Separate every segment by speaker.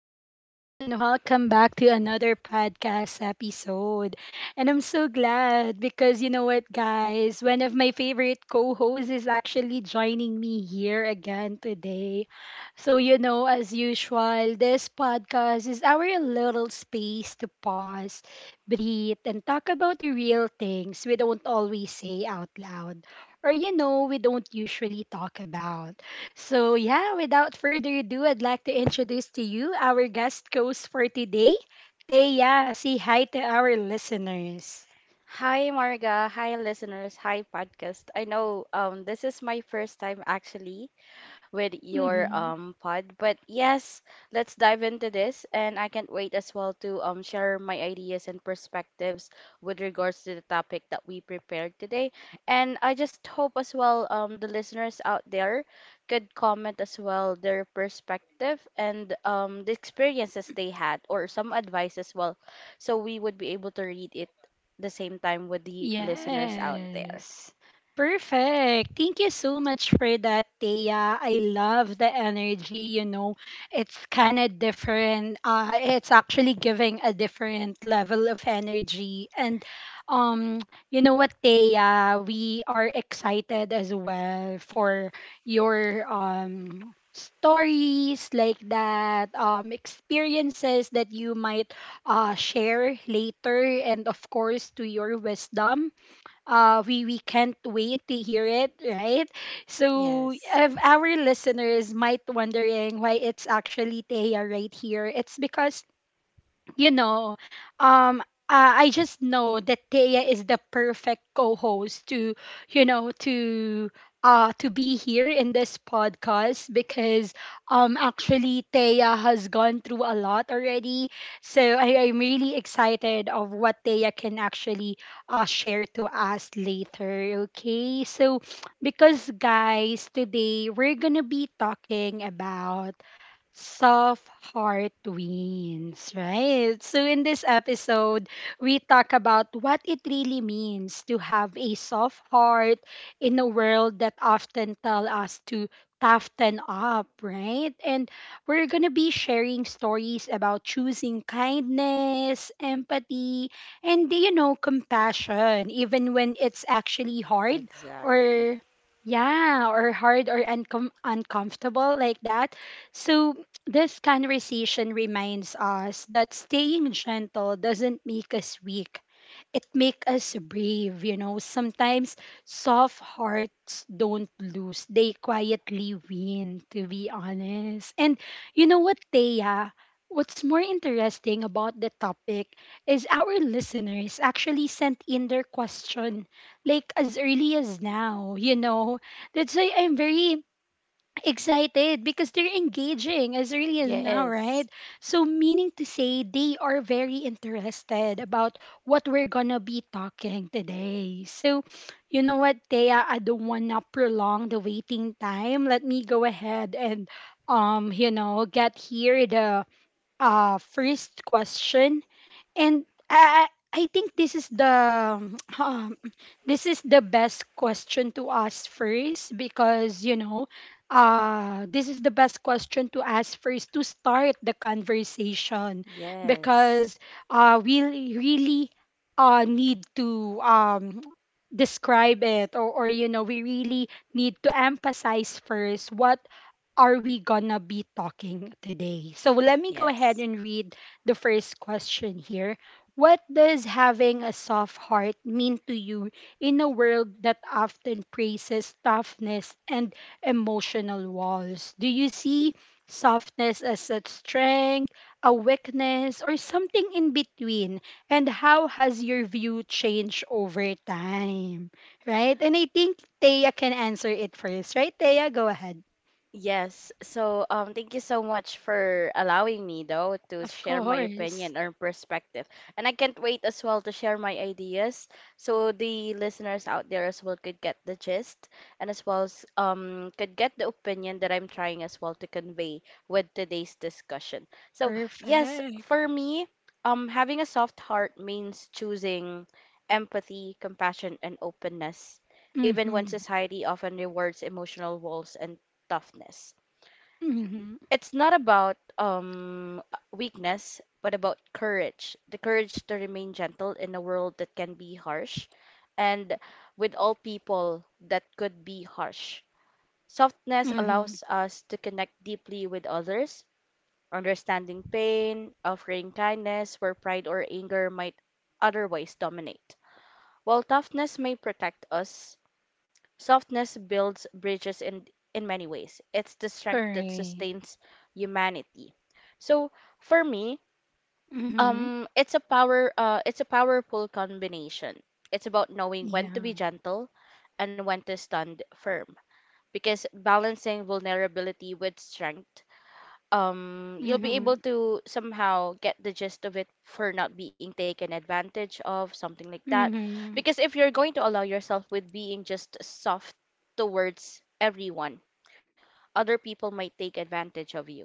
Speaker 1: people, and welcome back to another podcast episode. And I'm so glad because you know what, guys? One of my favorite co hosts is actually joining me here again today. So, you know, as usual, this podcast is our little space to pause, breathe, and talk about the real things we don't always say out loud or, you know, we don't usually talk about. So, yeah, without further ado, I'd like to introduce to you our guest host for today, Teya. Say hi to our listeners.
Speaker 2: Hi Marga, hi listeners, hi podcast. I know this is my first time actually with your
Speaker 1: Mhm.
Speaker 2: pod. But yes, let's dive into this, and I can't wait as well to share my ideas and perspectives with regards to the topic that we prepared today. And I just hope as well the listeners out there could comment as well their perspective and the experiences they had or some advice as well, so we would be able to read it the same time with the listeners out there.
Speaker 1: Yes. Perfect. Thank you so much for that, Thea. I love the energy, you know. It's kind of different. It's actually giving a different level of energy. And um you know what, Thea, we are excited as well for your stories like that, experiences that you might share later, and of course to your wisdom. We can't wait to hear it, right? So
Speaker 2: Yes.
Speaker 1: if our listeners might wondering why it's actually Teya right here, it's because you know, um, I just know that Thea is the perfect co-host to, you know, to to be here in this podcast because actually Thea has gone through a lot already. So I'm really excited of what Thea can actually share to us later. Okay. So because guys, today we're gonna be talking about soft heart wins, right? So, in this episode, we talk about what it really means to have a soft heart in a world that often tell us to toughen up, right? And we're going to be sharing stories about choosing kindness, empathy, and, you know, compassion, even when it's actually hard
Speaker 2: Exactly.
Speaker 1: or, yeah, or hard or uncomfortable like that. So this conversation reminds us that staying gentle doesn't make us weak. It makes us brave, you know. Sometimes soft hearts don't lose. They quietly win, to be honest. And you know what, Thea? What's more interesting about the topic is our listeners actually sent in their question like as early as now, you know. That's why I'm very excited because they're engaging as early as
Speaker 2: Yes.
Speaker 1: now, right? So, meaning to say, they are very interested about what we're gonna be talking today. So, you know what, Thea, I don't wanna prolong the waiting time. Let me go ahead and, you know, get here the first question. And I, I I think this is the um, this is the best question to ask first, because you know this is the best question to ask first to start the conversation
Speaker 2: Yes.
Speaker 1: because we really need to describe it, or you know we really need to emphasize first, what are we gonna be talking today? So let me go ahead
Speaker 2: Yes.
Speaker 1: and read the first question here. What does having a soft heart mean to you in a world that often praises toughness and emotional walls? Do you see softness as a strength, a weakness, or something in between? And how has your view changed over time? Right? And I think Thea can answer it first, right? Thea, go ahead.
Speaker 2: Yes. So, thank you so much for allowing me, though, to
Speaker 1: Of
Speaker 2: share my
Speaker 1: course.
Speaker 2: opinion or perspective. And I can't wait as well to share my ideas so the listeners out there as well could get the gist and as well as could get the opinion that I'm trying as well to convey with today's discussion. So, yes,
Speaker 1: Perfect.
Speaker 2: for me, having a soft heart means choosing empathy, compassion, and openness even when
Speaker 1: Mm-hmm.
Speaker 2: society often rewards emotional walls and toughness.
Speaker 1: Mm-hmm.
Speaker 2: It's not about weakness, but about courage, the courage to remain gentle in a world that can be harsh and with all people that could be harsh. Softness
Speaker 1: Mm-hmm.
Speaker 2: allows us to connect deeply with others, understanding pain, offering kindness where pride or anger might otherwise dominate. While toughness may protect us, softness builds bridges in many ways. It's the strength that
Speaker 1: Correct.
Speaker 2: sustains humanity. So for me,
Speaker 1: Mm-hmm.
Speaker 2: it's a powerful combination. It's about knowing when to
Speaker 1: Yeah.
Speaker 2: be gentle, and when to stand firm. Because balancing vulnerability with strength, you'll be able
Speaker 1: Mm-hmm.
Speaker 2: to somehow get the gist of it for not being taken advantage of, something like that,
Speaker 1: Mm-hmm.
Speaker 2: because if you're going to allow yourself with being just soft towards everyone, other people might take advantage of you.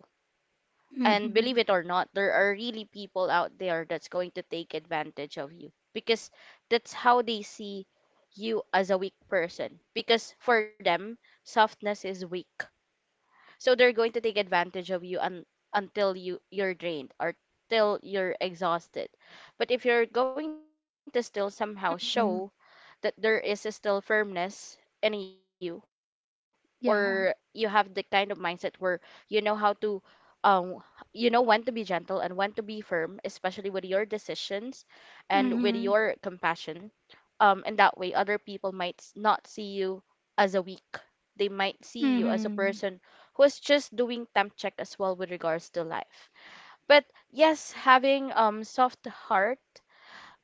Speaker 2: And believe
Speaker 1: Mm-hmm.
Speaker 2: it or not, there are really people out there that's going to take advantage of you because that's how they see you, as a weak person, because for them softness is weak. So they're going to take advantage of you until you're drained or till you're exhausted. But if you're going to still somehow show
Speaker 1: Mm-hmm.
Speaker 2: that there is a still firmness in you, or you have the kind of
Speaker 1: Yeah.
Speaker 2: mindset where you know how to um you know when to be gentle and when to be firm, especially with your decisions and with your
Speaker 1: Mm-hmm.
Speaker 2: compassion, and that way other people might not see you as a weak, they might see you as a
Speaker 1: Mm-hmm.
Speaker 2: person who's just doing temp check as well with regards to life. But yes, having soft heart,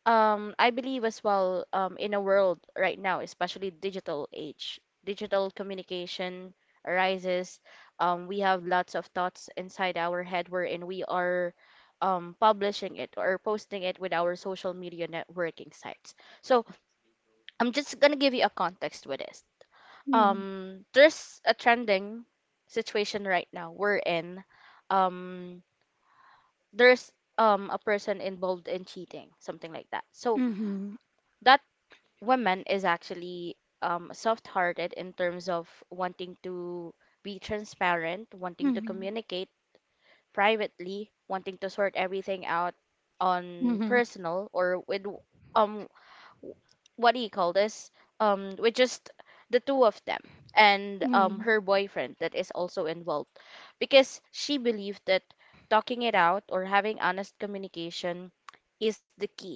Speaker 2: I believe as well, in a world right now, especially digital age, digital communication arises, we have lots of thoughts inside our head wherein we are publishing it or posting it with our social media networking sites. So I'm just gonna give you a context with this. There's a trending situation right now we wherein um there's a person involved in cheating, something like that. So
Speaker 1: Mm-hmm. Mm-hmm.
Speaker 2: that woman is actually soft-hearted in terms of wanting to be transparent, wanting to communicate privately, wanting to sort everything out
Speaker 1: Mm-hmm.
Speaker 2: on
Speaker 1: Mm-hmm.
Speaker 2: personal or with um what do you call this? With just the two of them and
Speaker 1: Mm-hmm.
Speaker 2: her boyfriend that is also involved, because she believed that talking it out or having honest communication is the key,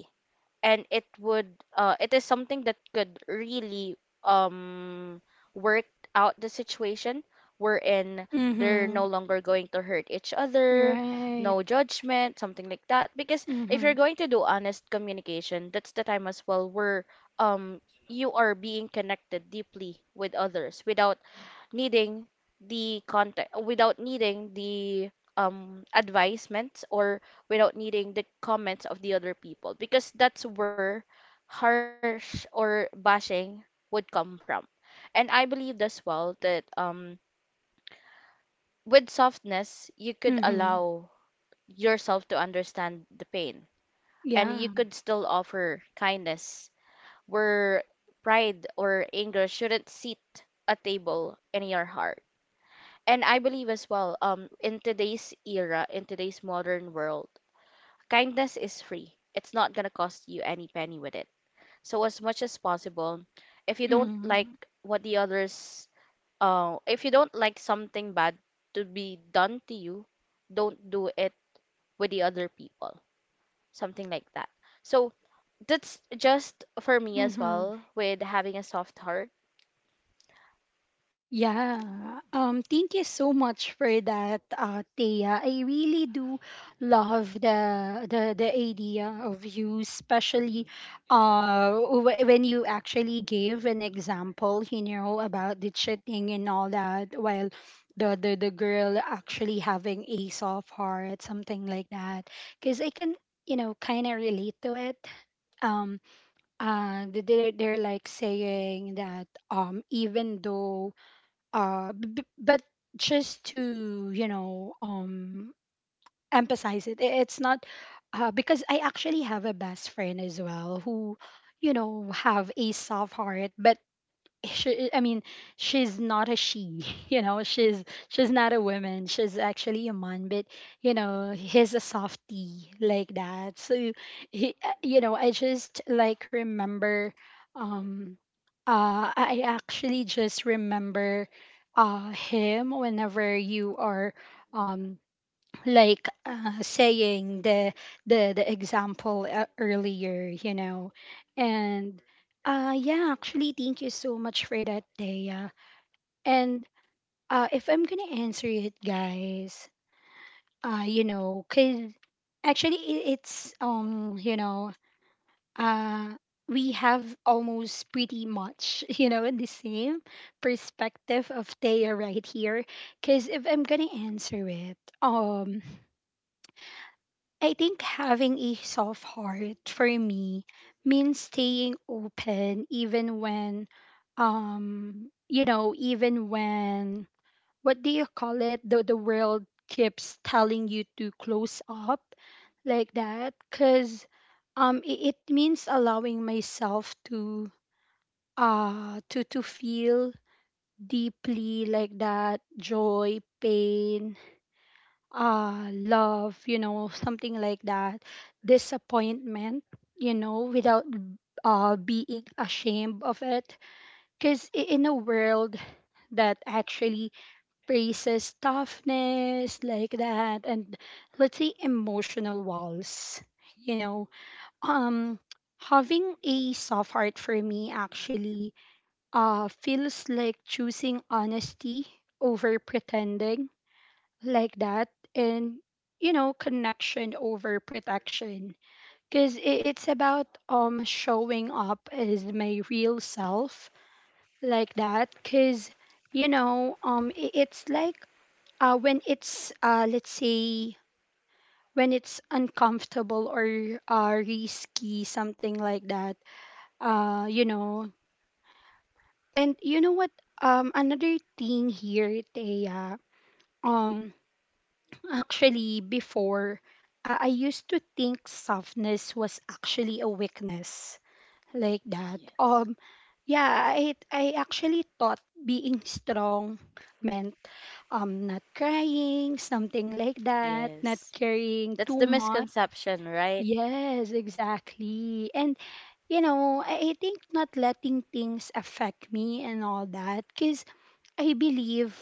Speaker 2: and it would it is something that could really um work out the situation, wherein they're
Speaker 1: Mm-hmm.
Speaker 2: no longer going to hurt each other,
Speaker 1: Right.
Speaker 2: no judgment, something like that. Because if
Speaker 1: Mm-hmm.
Speaker 2: you're going to do honest communication, that's the time as well where um you are being connected deeply with others without needing the contact, without needing the advisements, or without needing the comments of the other people, because that's where harsh or bashing would come from. And I believed as well that with softness you could
Speaker 1: Mm-hmm.
Speaker 2: allow yourself to understand the pain, and you
Speaker 1: Yeah.
Speaker 2: could still offer kindness where pride or anger shouldn't sit a table in your heart. And I believe as well, in today's era, in today's modern world, kindness is free. It's not gonna cost you any penny with it. So as much as possible, if you don't like
Speaker 1: Mm-hmm.
Speaker 2: what the others, if you don't like something bad to be done to you, don't do it with the other people. Something like that. So that's just for me as
Speaker 1: Mm-hmm.
Speaker 2: well with having a soft heart.
Speaker 1: Yeah. Thank you so much for that, Thea. I really do love the idea of you, especially when you actually gave an example, you know, about the cheating and all that, while the girl actually having a soft heart, something like that. Because I can, you know, kind of relate to it. Um, they're like saying that even though but just to, you know, emphasize it, it's not because I actually have a best friend as well who, you know, have a soft heart, but she i mean she's not a she. You know, she's not a woman, she's actually a man, but you know he's a softie like that. So he, you know, I just like remember, um I actually just remember him whenever you are, um saying the example earlier, you know. And yeah, actually, thank you so much for that, Dea. And if I'm gonna answer it, guys, you know, cause actually it's you know, uh, we have almost pretty much, you know, the same perspective of Dea right here. Cause if I'm gonna answer it, I think having a soft heart for me means staying open even when, you know, even when, what do you call it, the world keeps telling you to close up like that. Cuz it means allowing myself to to feel deeply like that, joy, pain, love, you know, something like that, disappointment, you know, without being ashamed of it. Because in a world that actually praises toughness like that, and let's say emotional walls, you know, um, having a soft heart for me actually feels like choosing honesty over pretending like that, and you know, connection over protection, because it's about showing up as my real self like that. Because you know, it's like when it's let's say when it's uncomfortable or risky, something like that, you know. And you know what, another thing here, Thea, um actually, before, I used to think softness was actually a weakness like that.
Speaker 2: Yes.
Speaker 1: Yeah, I actually thought being strong meant, not crying, something like that,
Speaker 2: Yes,
Speaker 1: not carrying
Speaker 2: that's the
Speaker 1: too much.
Speaker 2: misconception, right?
Speaker 1: Yes, exactly. And you know, I think not letting things affect me and all that. Because I believe,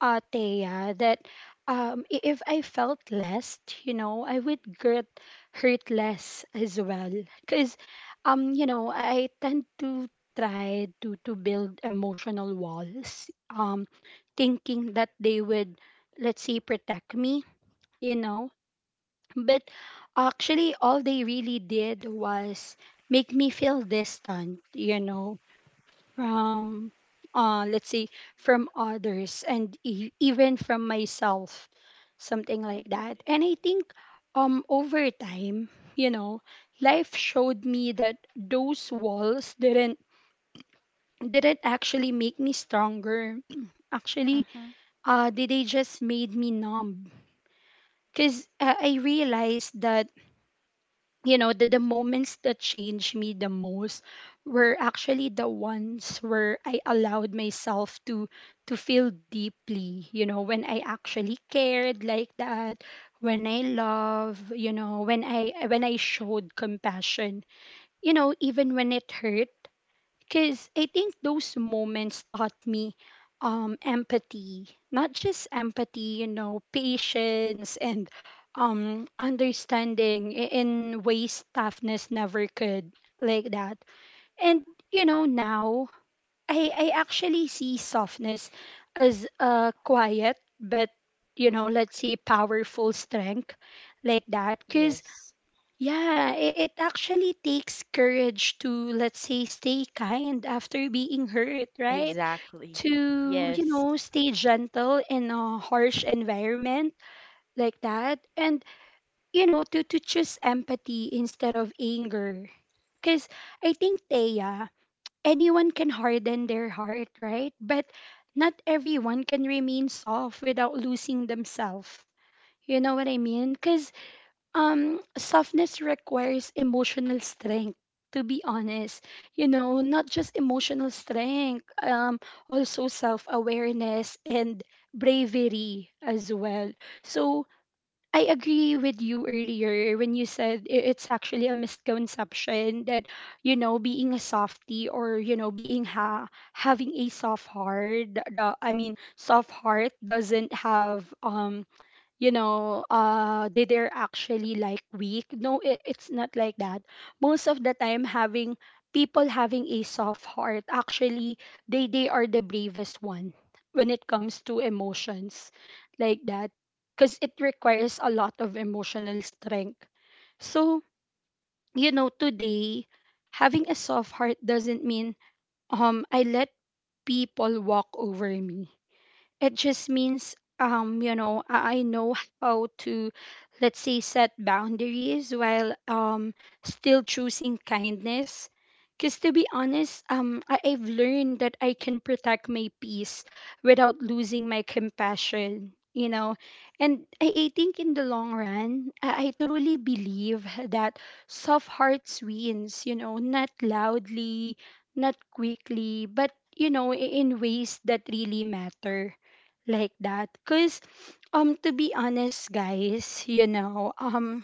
Speaker 1: Thea, that if I felt less, you know, I would get hurt less as well. Because, you know, I tend to to build emotional walls, thinking that they would, let's say, protect me, you know. But actually, all they really did was make me feel distant, you know, from let's say from others and even from myself, something like that. And I think over time, you know, life showed me that those walls didn't actually make me stronger. Actually they just made me numb, because I realized that, you know, the moments that changed me the most were actually the ones where I allowed myself to feel deeply, you know, when I actually cared like that, when I love, you know, when I showed compassion, you know, even when it hurt. Because I think those moments taught me, empathy, not just empathy, you know, patience and understanding in ways toughness never could, like that. And, you know, now I actually see softness as a quiet, but, you know, let's say powerful strength, like that. Cause.
Speaker 2: Yes,
Speaker 1: Yeah, it actually takes courage to, let's say, stay kind after being hurt, right?
Speaker 2: exactly.
Speaker 1: To, you
Speaker 2: Yes.
Speaker 1: know, stay gentle in a harsh environment like that. And, you know, to, choose empathy instead of anger. Because I think, Thea, anyone can harden their heart, right? But not everyone can remain soft without losing themselves. You know what I mean? Because softness requires emotional strength, to be honest. You know, not just emotional strength, also self-awareness and bravery as well. So I agree with you earlier when you said it's actually a misconception that, you know, being a softie or, you know, having a soft heart, soft heart doesn't have you know, they're actually like weak. No, it's not like that. Most of the time, having people having a soft heart, actually, they are the bravest one when it comes to emotions like that. Because it requires a lot of emotional strength. So, you know, today, having a soft heart doesn't mean, I let people walk over me. It just means, you know, I know how to, let's say, set boundaries while still choosing kindness. Because to be honest, I've learned that I can protect my peace without losing my compassion, you know. And I think in the long run, I truly believe that soft hearts wins, you know, not loudly, not quickly, but you know, in ways that really matter like that. Because to be honest guys, you know, um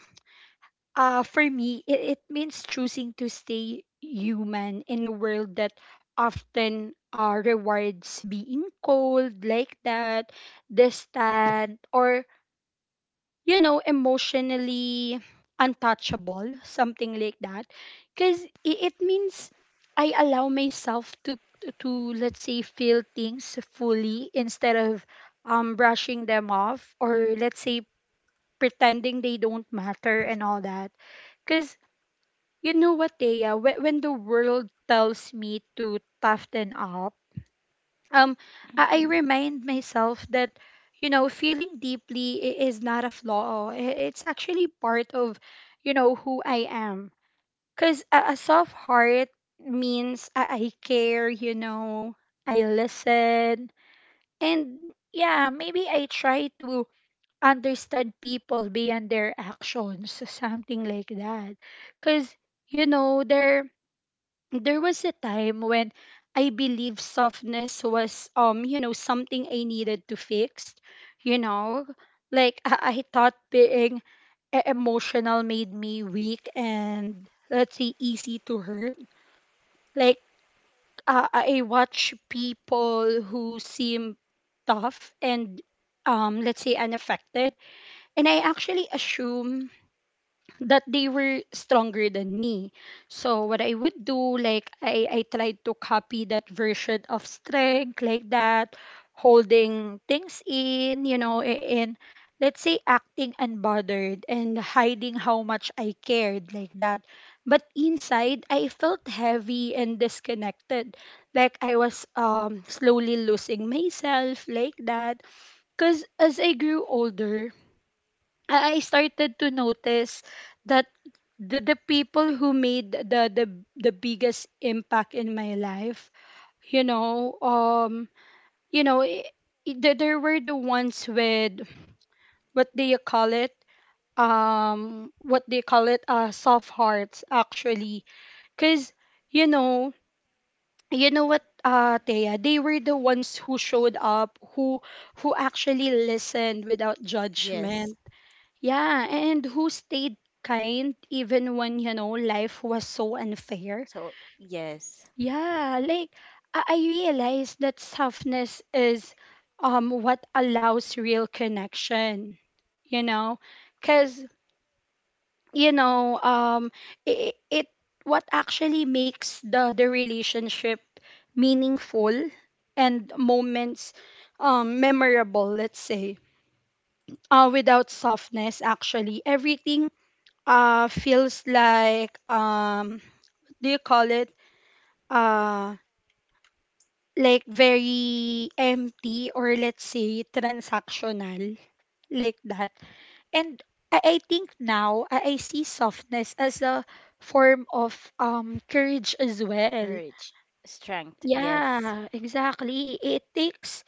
Speaker 1: uh for me it means choosing to stay human in a world that often rewards being cold like that, distant or you know, emotionally untouchable, something like that. Because it means I allow myself to, let's say, feel things fully instead of brushing them off or, let's say, pretending they don't matter and all that. Because you know what, Thea, when the world tells me to toughen up, um I
Speaker 2: Mhm.
Speaker 1: remind myself that you know feeling deeply is not a flaw it's actually part of you know who I am, because a soft heart means I care, you know, I listen, and yeah, maybe I try to understand people beyond their actions something like that. Because you know there was a time when I believed softness was you know something I needed to fix, you know, like I thought being emotional made me weak and let's say easy to hurt. Like I watch people who seem tough and let's say unaffected, and I actually assume that they were stronger than me. So what I would do, like I tried to copy that version of strength like that, holding things in, you know, and let's say acting unbothered and hiding how much I cared like that. But inside I felt heavy and disconnected. Like I was slowly losing myself like that. Cause as I grew older, I started to notice that the people who made the biggest impact in my life, you know, um, you know, there were the ones with what do you call it? Soft hearts actually, because you know, you know what, Thea, they were the ones who showed up, who actually listened without judgment,
Speaker 2: Yes.
Speaker 1: yeah, and who stayed kind even when,
Speaker 2: Kind.
Speaker 1: you know, life was so unfair.
Speaker 2: So yes,
Speaker 1: Yeah, like I realized that softness is what allows real connection, you know? Cuz you know, um it, it what actually makes the relationship meaningful and moments memorable, let's say. Without softness, actually, everything feels like do you call it uh like very empty or let's say transactional like that. And I think now I see softness as a form of courage as well.
Speaker 2: courage, strength. Yes,
Speaker 1: Yeah, exactly, it takes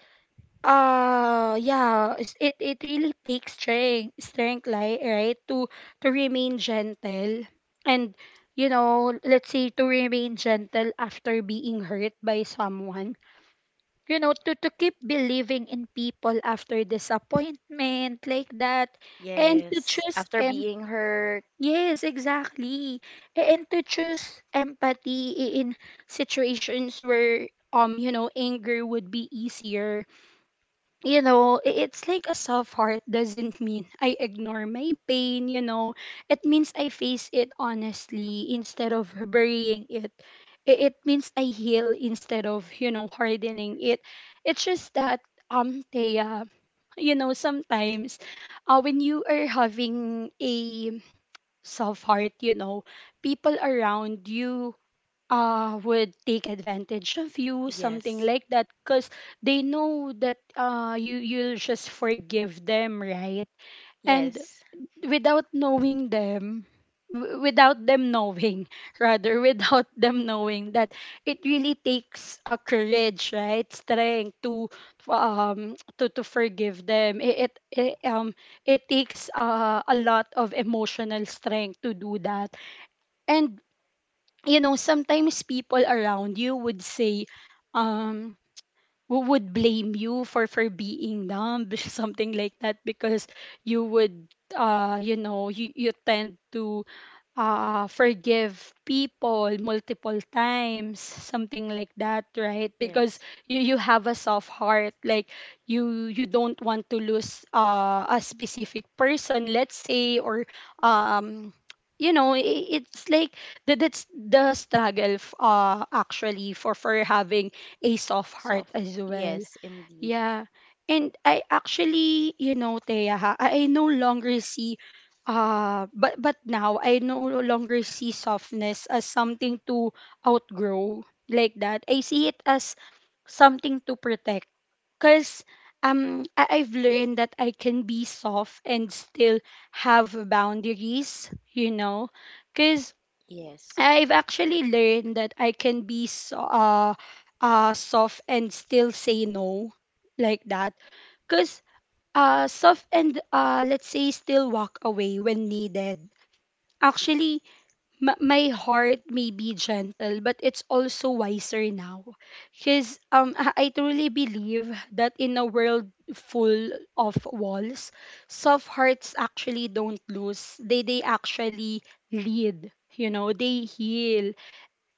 Speaker 1: it, it really takes strength, like right to remain gentle, and you know let's say to remain gentle after being hurt by someone, you know, to keep believing in people after disappointment like that. And to
Speaker 2: yes.
Speaker 1: choose
Speaker 2: After
Speaker 1: em-
Speaker 2: being hurt.
Speaker 1: yes exactly A- and to choose empathy in situations where you know anger would be easier. You know, it's like a soft heart doesn't mean I ignore my pain, you know. It means I face it honestly instead of burying it. It means I heal instead of, you know, hardening it. It's just that Thea, you know, sometimes when you are having a soft heart, you know, people around you would take advantage of you, something
Speaker 2: Yes,
Speaker 1: like that, because they know that you'll just forgive them, right?
Speaker 2: yes,
Speaker 1: And without knowing them, without them knowing, rather, without them knowing that it really takes a courage, right, strength to to forgive them. It um it takes a lot of emotional strength to do that. And you know, sometimes people around you would say um who would blame you for being dumb, something like that, because you would you tend to forgive people multiple times, something like that, right? Because
Speaker 2: yes.
Speaker 1: you have a soft heart, like you don't want to lose a specific person, let's say, or um it's like that's the struggle actually for having a soft heart
Speaker 2: Soft.
Speaker 1: as
Speaker 2: Yes,
Speaker 1: well.
Speaker 2: indeed.
Speaker 1: Yeah. And I actually, you know, Thea, ha, I no longer see but now I no longer see softness as something to outgrow like that. I see it as something to protect. Cause I've learned that I can be soft and still have boundaries, you know. Cause
Speaker 2: Yes,
Speaker 1: I've actually learned that I can be soft and still say no like that. Because soft and let's say still walk away when needed. Actually, my heart may be gentle, but it's also wiser now. Because I truly believe that in a world full of walls, soft hearts actually don't lose. They actually lead. You know, they heal,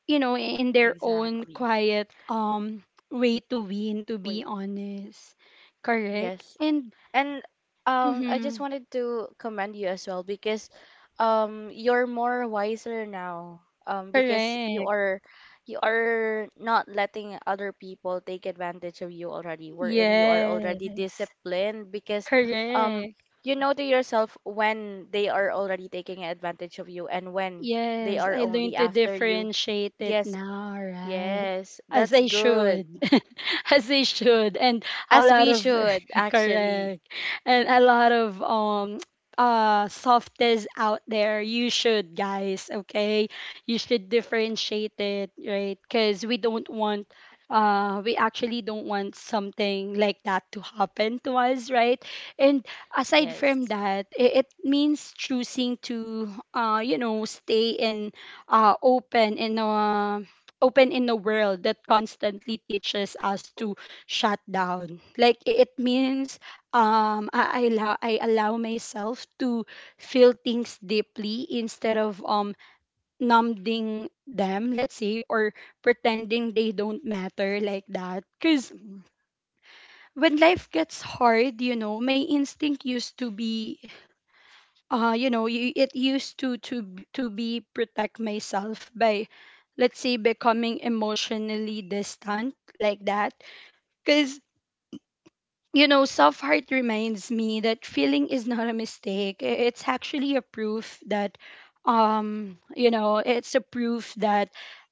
Speaker 1: you know, in their own
Speaker 2: exactly.
Speaker 1: quiet way to win, to be
Speaker 2: Wait.
Speaker 1: honest. Correct?
Speaker 2: Yes.
Speaker 1: And
Speaker 2: And I just
Speaker 1: mhm,
Speaker 2: wanted to commend you as well because you're more wiser now. Because
Speaker 1: correct.
Speaker 2: you are not letting other people take advantage of you already. Wherein you are already
Speaker 1: Yes.
Speaker 2: disciplined because um,
Speaker 1: Correct.
Speaker 2: you know to yourself when they are already taking advantage of you and when they
Speaker 1: Yes,
Speaker 2: are
Speaker 1: I
Speaker 2: only
Speaker 1: learned to
Speaker 2: after you.
Speaker 1: differentiate it
Speaker 2: Yes,
Speaker 1: now,
Speaker 2: yes,
Speaker 1: right? As
Speaker 2: that's
Speaker 1: I
Speaker 2: good.
Speaker 1: should. As I should. And a
Speaker 2: As
Speaker 1: lot
Speaker 2: we
Speaker 1: of
Speaker 2: should actually.
Speaker 1: correct. And a lot of softies out there. You should, guys, okay? You should differentiate it, right? Because we don't want we actually don't want something like that to happen to us, right? And aside from
Speaker 2: Yes,
Speaker 1: that, it means choosing to, you know, stay in, uh, open in a open in a world that constantly teaches us to shut down. Like it means, I allow myself to feel things deeply instead of numbing them, let's say, or pretending they don't matter like that. Cause when life gets hard, you know, my instinct used to be you know y- it used to b- to be protect myself by let's say becoming emotionally distant like that. Because you know, Soft Heart reminds me that feeling is not a mistake. It's actually a proof that, you know, it's a proof that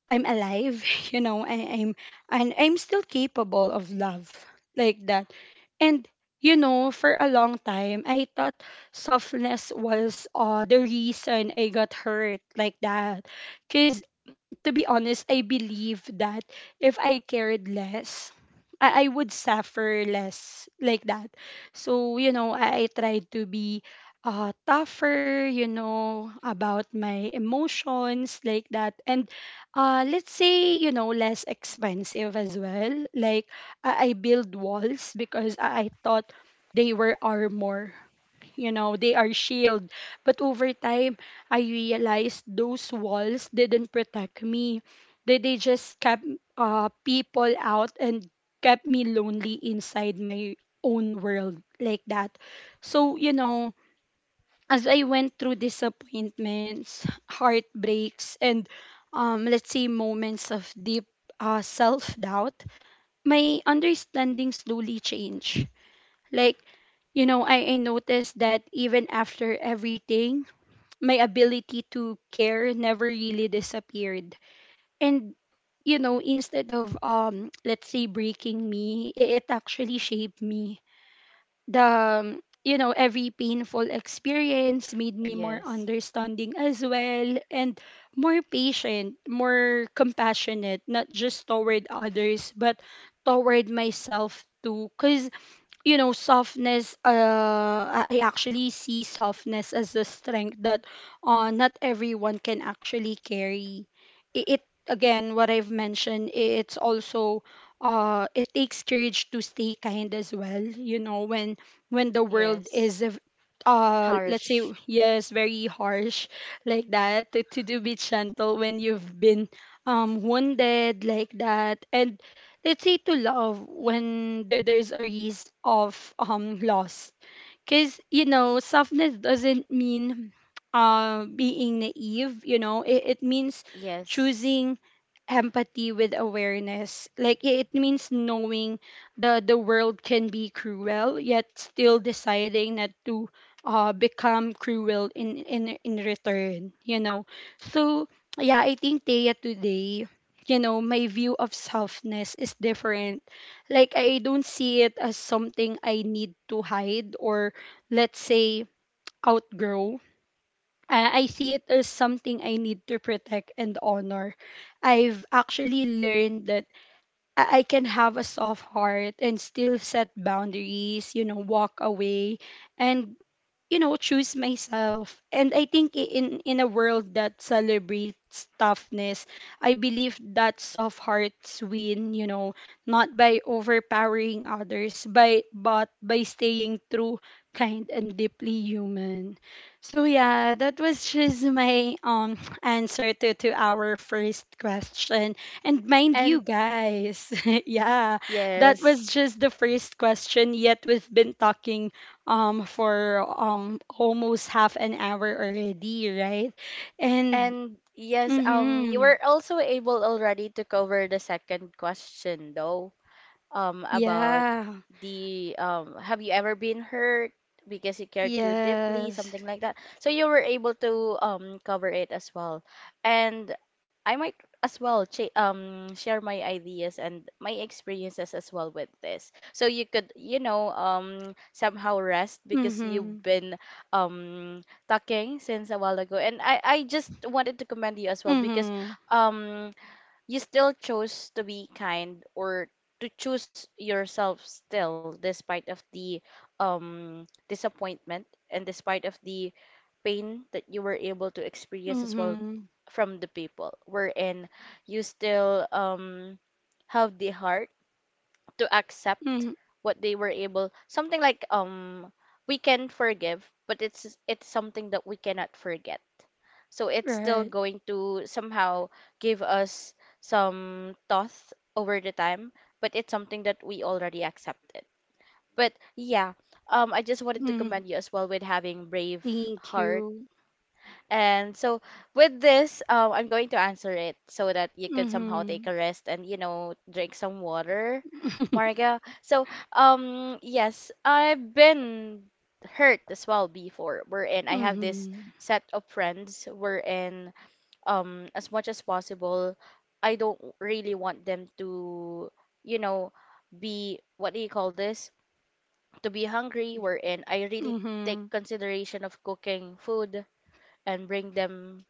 Speaker 1: I'm alive. You know, I, I'm and I'm still capable of love like that. And you know, for a long time, I thought softness was the reason I got hurt like that. Cause to be honest, I believe that if I cared less, I would suffer less like that. So, you know, I tried to be tougher, you know, about my emotions like that. And let's say, you know, less expensive as well. Like, I build walls because I thought they were armor, you know, they are shield. But over time I realized those walls didn't protect me. They just kept people out and kept me lonely inside my own world like that. So you know, as I went through disappointments, heartbreaks, and let's say moments of deep self-doubt, my understanding slowly changed. Like, you know, I noticed that even after everything, my ability to care never really disappeared. And, you know, instead of, let's say, breaking me, it actually shaped me. You know, every painful experience made me more
Speaker 2: yes,
Speaker 1: understanding as well, and more patient, more compassionate, not just toward others, but toward myself too. Because you know softness I actually see softness as a strength that not everyone can actually carry. It again, what I've mentioned, it's also it takes courage to stay kind as well, you know, when the world
Speaker 2: yes.
Speaker 1: is a v- let's say
Speaker 2: Harsh.
Speaker 1: yes, very harsh like that. To do be gentle when you've been wounded like that, and let's say to love when there's a risk of loss. Because you know softness doesn't mean being naive. You know, it means
Speaker 2: Yes.
Speaker 1: choosing empathy with awareness. Like it means knowing the world can be cruel, yet still deciding not to become cruel in return. You know, so yeah, I think Taya today. You know, my view of softness is different. Like, I don't see it as something I need to hide or, let's say, outgrow. I see it as something I need to protect and honor. I've actually learned that I can have a soft heart and still set boundaries, you know, walk away, and you know choose myself. And I think in a world that celebrates toughness, I believe that soft hearts win, you know, not by overpowering others by but by staying true, kind, and deeply human. So yeah, that was just my answer to our first question. And mind
Speaker 2: And
Speaker 1: you guys, yeah, that
Speaker 2: yes,
Speaker 1: was just the first question, yet we've been talking for almost half an hour already, right? And
Speaker 2: and yes, you
Speaker 1: mhm.
Speaker 2: were also able already to cover the second question, though, about
Speaker 1: Yeah.
Speaker 2: the have you ever been hurt because you cared too deeply,
Speaker 1: Yes.
Speaker 2: something like that, so you were able to cover it as well. And I might as well share my ideas and my experiences as well with this, so you could, you know, somehow rest because you've
Speaker 1: Mhm.
Speaker 2: been um talking since a while ago. And I just wanted to commend you as well because
Speaker 1: Mhm.
Speaker 2: um you still chose to be kind or to choose yourself still, despite of the um disappointment, and despite of the pain that you were able to experience as well
Speaker 1: Mhm.
Speaker 2: from the people, wherein you still have the heart to accept
Speaker 1: Mhm.
Speaker 2: what they were able, something like we can forgive but it's something that we cannot forget. So it's still
Speaker 1: Right.
Speaker 2: going to somehow give us some thoughts over the time, but it's something that we already accepted. But yeah, I just wanted to
Speaker 1: Mhm.
Speaker 2: commend you as well with having brave
Speaker 1: Thank
Speaker 2: heart.
Speaker 1: you.
Speaker 2: And so with this, I'm going to answer it so that you could somehow take
Speaker 1: Mhm.
Speaker 2: a rest and, you know, drink some water, Marga. So yes, I've been hurt as well before, wherein I have this
Speaker 1: Mhm.
Speaker 2: set of friends, wherein as much as possible, I don't really want them to, you know, be, what do you call this, to be hungry, wherein I really take
Speaker 1: Mhm.
Speaker 2: consideration of cooking food and bring them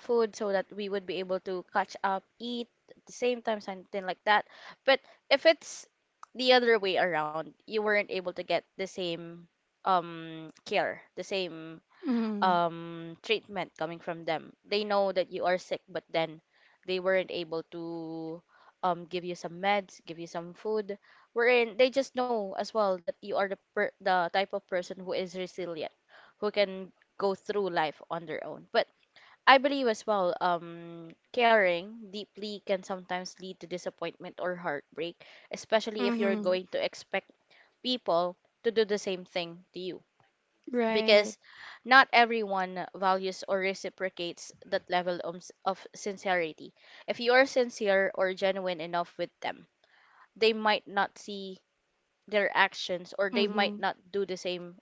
Speaker 2: food so that we would be able to catch up, eat at the same time, something like that. But if it's the other way around, you weren't able to get the same care, the same
Speaker 1: Mhm.
Speaker 2: treatment coming from them. They know that you are sick, but then they weren't able to give you some meds, give you some food. Wherein they just know as well that you are the type of person who is resilient, who can go through life on their own. But I believe as well, caring deeply can sometimes lead to disappointment or heartbreak, especially if you're
Speaker 1: Mhm.
Speaker 2: going to expect people to do the same thing to you,
Speaker 1: Right.
Speaker 2: because not everyone values or reciprocates that level of of sincerity. If you are sincere or genuine enough with them, they might not see their actions or they might
Speaker 1: Mhm.
Speaker 2: not do the same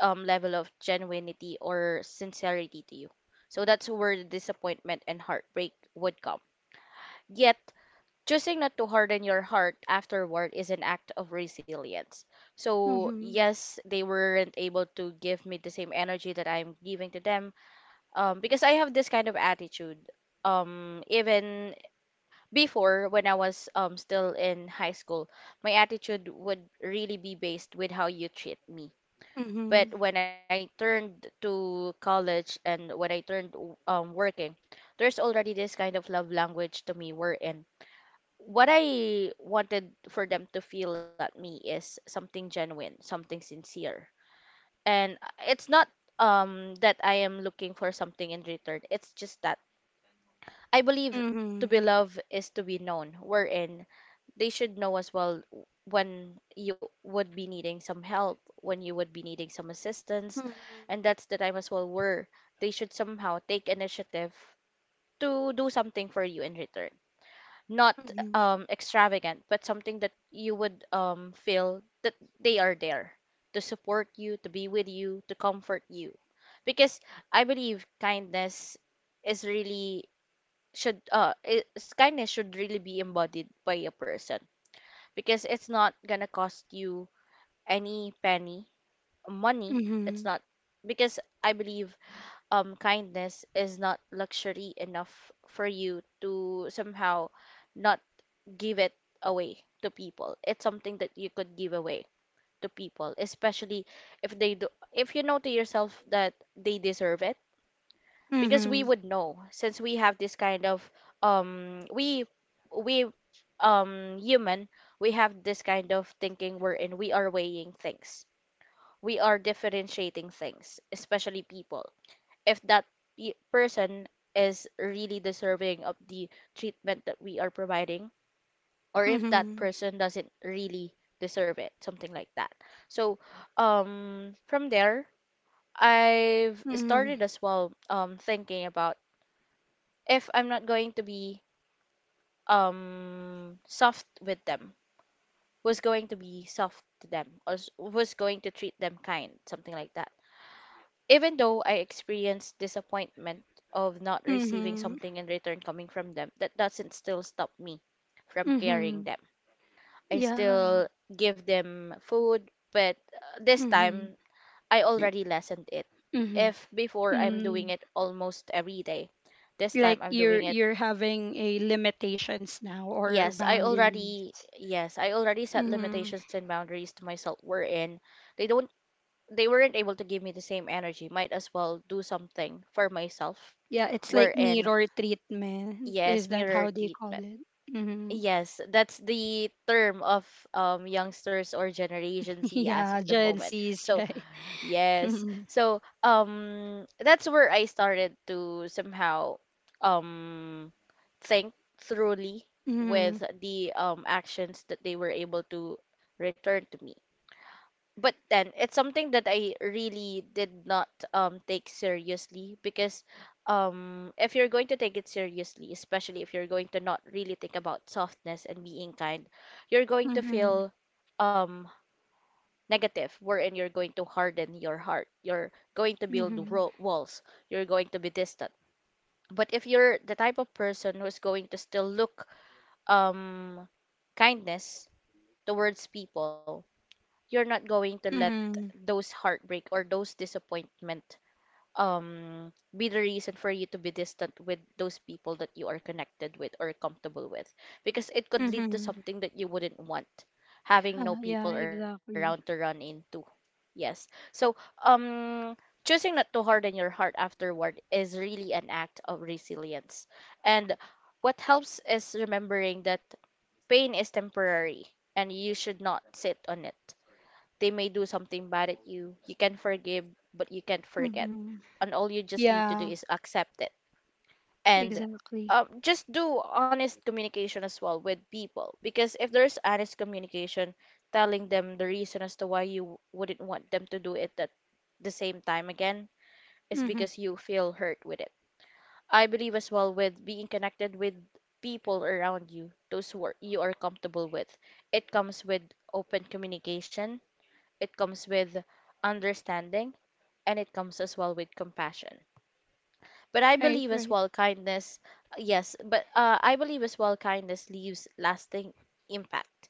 Speaker 2: level of genuinity or sincerity to you. So that's where the disappointment and heartbreak would come. Yet, choosing not to harden your heart afterward is an act of resilience. So,
Speaker 1: Mhm.
Speaker 2: yes, they weren't able to give me the same energy that I'm giving to them, because I have this kind of attitude. Even before when I was still in high school, my attitude would really be based with how you treat me. But
Speaker 1: Mhm.
Speaker 2: when I turned to college and when I turned working, there's already this kind of love language to me, wherein what I wanted for them to feel at me is something genuine, something sincere. And it's not that I am looking for something in return. It's just that I believe to be
Speaker 1: Mhm.
Speaker 2: loved is to be known, wherein they should know as well when you would be needing some help, when you would be needing some assistance,
Speaker 1: Mhm.
Speaker 2: and that's the time as well where they should somehow take initiative to do something for you in return. Not
Speaker 1: Mhm.
Speaker 2: extravagant, but something that you would feel that they are there to support you, to be with you, to comfort you. Because I believe kindness is really should it's, kindness should really be embodied by a person, because it's not gonna cost you any penny, money. It's
Speaker 1: Mhm.
Speaker 2: not. Because I believe kindness is not luxury enough for you to somehow not give it away to people. It's something that you could give away to people, especially if they do, if you know to yourself that they deserve it, because we
Speaker 1: Mhm.
Speaker 2: would know since we have this kind of um we we um human we have this kind of thinking wherein we are weighing things. We are differentiating things, especially people, if that person is really deserving of the treatment that we are providing, or if that
Speaker 1: Mhm.
Speaker 2: person doesn't really deserve it, something like that. So, from there, I've started
Speaker 1: Mhm.
Speaker 2: as well thinking about, if I'm not going to be soft with them, was going to be soft to them, or was going to treat them kind, something like that. Even though I experienced disappointment of not receiving
Speaker 1: Mhm.
Speaker 2: something in return coming from them, that doesn't still stop me from caring
Speaker 1: Mhm.
Speaker 2: them. I
Speaker 1: Yeah.
Speaker 2: still give them food, but this
Speaker 1: Mhm.
Speaker 2: time I already lessened it.
Speaker 1: Mhm.
Speaker 2: If before I'm doing
Speaker 1: Mm.
Speaker 2: it almost every day, this
Speaker 1: Like
Speaker 2: time I'm doing it.
Speaker 1: you're having a limitations now or
Speaker 2: Yes, I
Speaker 1: boundaries.
Speaker 2: already, yes, I already set
Speaker 1: Mhm.
Speaker 2: limitations and boundaries to myself, wherein they don't, they weren't able to give me the same energy. Might as well do something for myself,
Speaker 1: Yeah, it's like
Speaker 2: wherein,
Speaker 1: mirror treatment. Is
Speaker 2: yes,
Speaker 1: that how
Speaker 2: mirror
Speaker 1: they call
Speaker 2: treatment.
Speaker 1: it? Mhm.
Speaker 2: Yes, that's the term of youngsters or Generation Z as
Speaker 1: Yeah,
Speaker 2: of the
Speaker 1: Gen
Speaker 2: moment.
Speaker 1: Z's,
Speaker 2: So,
Speaker 1: right?
Speaker 2: yes.
Speaker 1: Mhm.
Speaker 2: So that's where I started to somehow um think thoroughly with
Speaker 1: Mhm.
Speaker 2: the actions that they were able to return to me. But then it's something that I really did not take seriously, because if you're going to take it seriously, especially if you're going to not really think about softness and being kind, you're going to
Speaker 1: Mhm.
Speaker 2: feel um, negative, wherein you're going to harden your heart. You're going to build
Speaker 1: Mhm.
Speaker 2: ro walls. You're going to be distant. But if you're the type of person who's going to still look um kindness towards people, you're not going to let
Speaker 1: Mhm.
Speaker 2: those heartbreak or those disappointment be the reason for you to be distant with those people that you are connected with or comfortable with, because it could lead to
Speaker 1: Mhm.
Speaker 2: something that you wouldn't want, having no
Speaker 1: Yeah, yeah,
Speaker 2: people around to run
Speaker 1: exactly.
Speaker 2: into. Yes. So um choosing not to harden your heart afterward is really an act of resilience, and what helps is remembering that pain is temporary and you should not sit on it. They may do something bad at you. You can forgive, but you can't forget.
Speaker 1: Mhm.
Speaker 2: And all you just need to do
Speaker 1: Yeah.
Speaker 2: is accept it. And
Speaker 1: Exactly.
Speaker 2: just do honest communication as well with people. Because if there's honest communication, telling them the reason as to why you wouldn't want them to do it that the same time again is
Speaker 1: Mm-hmm.
Speaker 2: because you feel hurt with it. I believe as well with being connected with people around you, those who are, you are comfortable with. It comes with open communication, it comes with understanding, and it comes as well with compassion. But I
Speaker 1: Right,
Speaker 2: believe as
Speaker 1: right.
Speaker 2: well kindness, yes, but I believe as well kindness leaves lasting impact,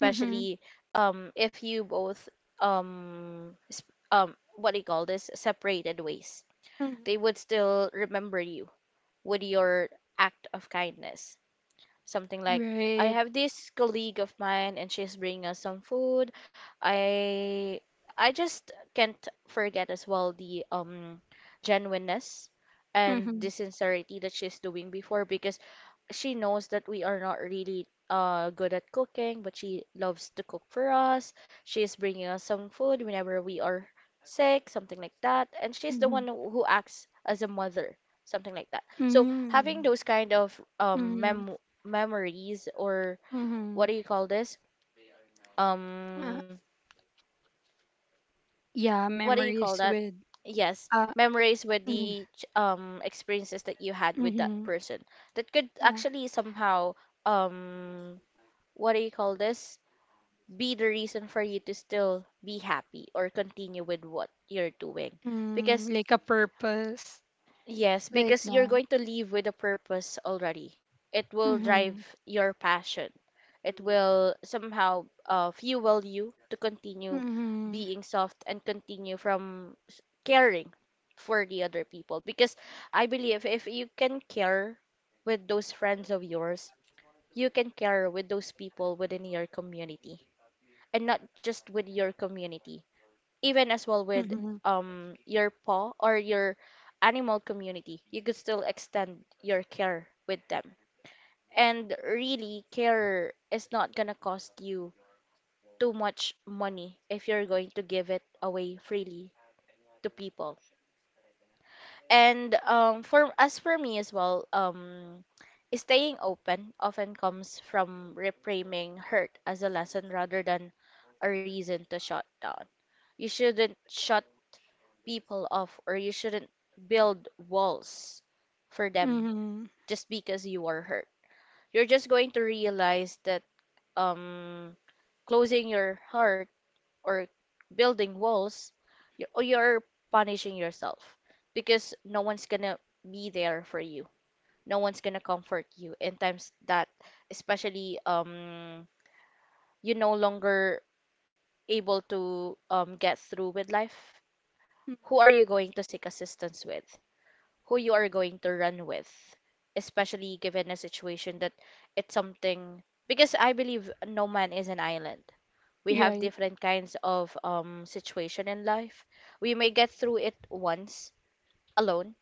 Speaker 1: Mm-hmm.
Speaker 2: if you both um, sp- what do you call this, separated ways.
Speaker 1: Mm-hmm.
Speaker 2: They would still remember you with your act of kindness. Something like, I
Speaker 1: Right.
Speaker 2: have this colleague of mine and she's bringing us some food. I I just can't forget as well the genuineness and
Speaker 1: Mm-hmm.
Speaker 2: the sincerity that she's doing before, because she knows that we are not really good at cooking, but she loves to cook for us. She is bringing us some food whenever we are sick, something like that. And she's the
Speaker 1: Mm-hmm.
Speaker 2: one who acts as a mother, something like that. So having
Speaker 1: Mm-hmm.
Speaker 2: those kind of um
Speaker 1: Mm-hmm.
Speaker 2: mem- memories, or
Speaker 1: Mm-hmm.
Speaker 2: what do you call this?
Speaker 1: Uh,
Speaker 2: Um,
Speaker 1: yeah,
Speaker 2: what do you call
Speaker 1: memories
Speaker 2: that?
Speaker 1: with
Speaker 2: Yes,
Speaker 1: uh
Speaker 2: memories with
Speaker 1: mm-hmm.
Speaker 2: the experiences that you had with that
Speaker 1: Mm-hmm.
Speaker 2: person, that could
Speaker 1: Yeah.
Speaker 2: actually somehow um what do you call this, be the reason for you to still be happy or continue with what you're doing,
Speaker 1: Mm,
Speaker 2: because,
Speaker 1: like a purpose
Speaker 2: yes,
Speaker 1: like
Speaker 2: because you're
Speaker 1: that.
Speaker 2: going to leave with a purpose already. It will drive
Speaker 1: Mhm.
Speaker 2: your passion. It will somehow fuel you to continue
Speaker 1: Mhm.
Speaker 2: being soft and continue from caring for the other people, because I believe if you can care with those friends of yours, you can care with those people within your community, and not just with your community, even as well with
Speaker 1: Mhm.
Speaker 2: your paw or your animal community, you could still extend your care with them. And really, care is not gonna cost you too much money if you're going to give it away freely to people. And for, as for me as well, staying open often comes from reframing hurt as a lesson rather than a reason to shut down. You shouldn't shut people off, or you shouldn't build walls for them
Speaker 1: Mhm.
Speaker 2: just because you are hurt. You're just going to realize that um closing your heart or building walls, you're punishing yourself, because no one's gonna be there for you. No one's gonna comfort you in times that, especially you no longer able to get through with life.
Speaker 1: Mm.
Speaker 2: Who are you going to seek assistance with? Who you are going to run with, especially given a situation that it's something, because I believe no man is an island. We have
Speaker 1: Right.
Speaker 2: different kinds of situation in life. We may get through it once alone,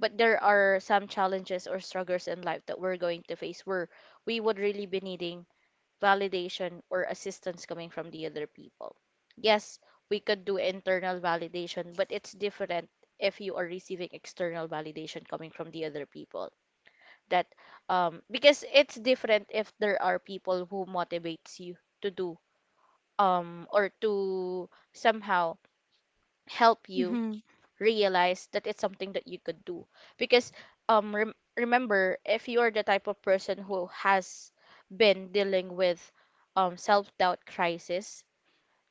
Speaker 2: but there are some challenges or struggles in life that we're going to face where we would really be needing validation or assistance coming from the other people. Yes, we could do internal validation, but it's different if you are receiving external validation coming from the other people. That because it's different if there are people who motivates you to do or to somehow help you
Speaker 1: Mhm.
Speaker 2: realize that it's something that you could do, because remember, if you are the type of person who has been dealing with self-doubt crisis,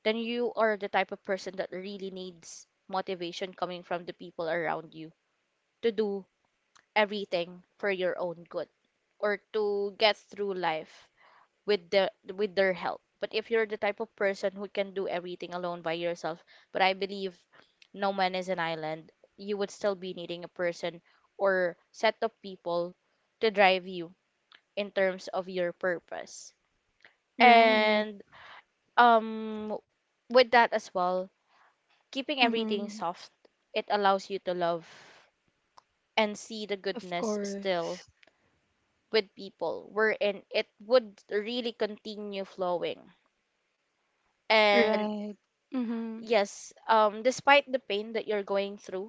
Speaker 2: then you are the type of person that really needs motivation coming from the people around you to do everything for your own good, or to get through life with their help. But if you're the type of person who can do everything alone by yourself, but I believe no man is an island, you would still be needing a person or set of people to drive you in terms of your purpose.
Speaker 1: Right.
Speaker 2: And um with that as well, keeping everything
Speaker 1: Mhm.
Speaker 2: soft, it allows you to love and see the
Speaker 1: Of
Speaker 2: goodness
Speaker 1: course.
Speaker 2: still with people, wherein it would really continue flowing. And
Speaker 1: Right. Mhm.
Speaker 2: yes, despite the pain that you're going through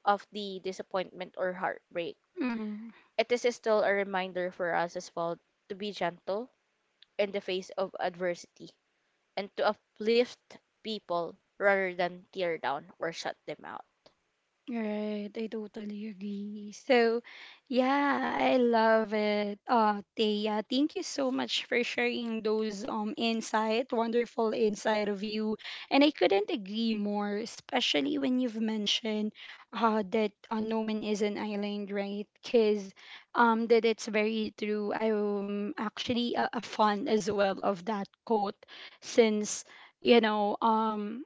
Speaker 2: of the disappointment or heartbreak,
Speaker 1: Mhm.
Speaker 2: it is still a reminder for us as well to be gentle in the face of adversity, and to uplift people rather than tear down or shut them out.
Speaker 1: Right, I totally agree. So, yeah, I love it. Thea, thank you so much for sharing those wonderful insight of you. And I couldn't agree more, especially when you've mentioned that no man is an island, right? Because that it's very true. I'm actually a fan as well of that quote since you know um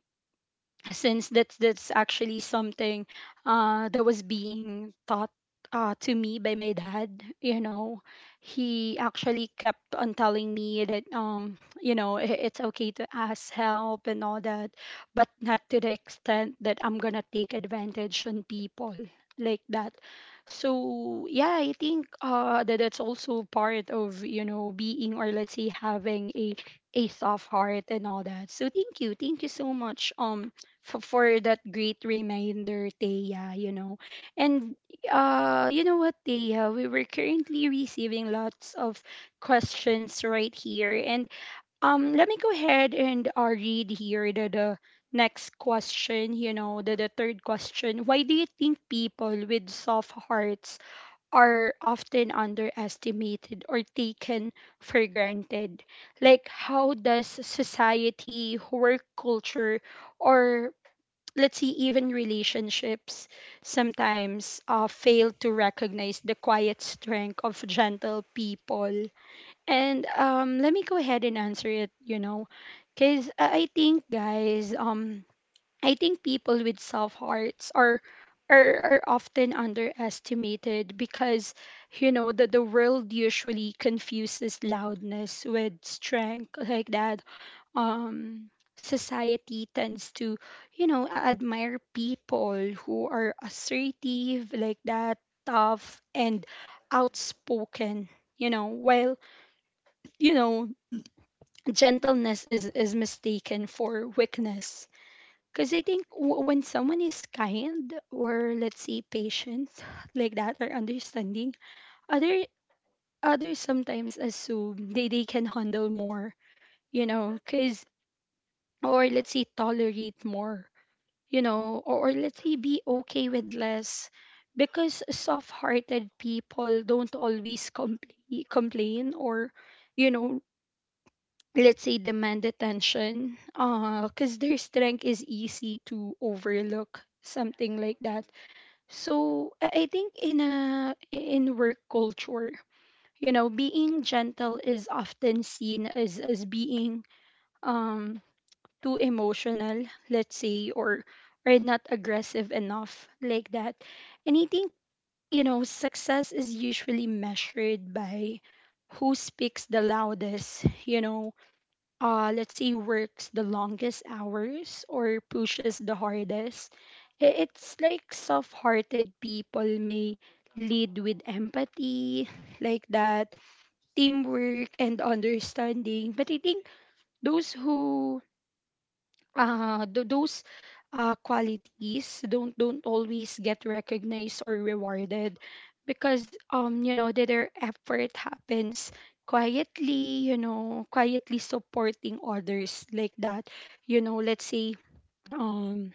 Speaker 1: since that's actually something that was being taught to me by my dad, you know, he actually kept on telling me that you know it's okay to ask help and all that, but not to the extent that I'm gonna take advantage on people like that. So yeah, I think that that's also part of, you know, being, or let's say, having a soft heart and all that. So thank you, so much, for that great reminder, Taya, you know. And you know what, Taya, we were currently receiving lots of questions right here. And let me go ahead and read here the next question, you know, the third question. Why do you think people with soft hearts are often underestimated or taken for granted? Like, how does society, work culture, or let's see, even relationships sometimes fail to recognize the quiet strength of gentle people. And let me go ahead and answer it, you know, because I think, guys, I think people with soft hearts are are often underestimated because, you know, that the world usually confuses loudness with strength, like that. um Society tends to, you know, admire people who are assertive, like that, tough and outspoken, you know, while you know gentleness is mistaken for weakness, because I think when someone is kind, or let's say patient like that, or understanding, other, others sometimes assume they can handle more, you know, because, or let's say, tolerate more, you know, or let's say, be okay with less, because soft hearted people don't always complain, or, you know, let's say demand attention, because their strength is easy to overlook, something like that. So I think in a in work culture, you know, being gentle is often seen as being, um too emotional, let's say, or not aggressive enough, like that. And I think, you know, success is usually measured by who speaks the loudest, you know, let's say works the longest hours or pushes the hardest. It's like soft-hearted people may lead with empathy, like that, teamwork and understanding. But I think those who th- those qualities don't always get recognized or rewarded, because you know that their effort happens quietly, you know, quietly supporting others, like that, you know, let's say, um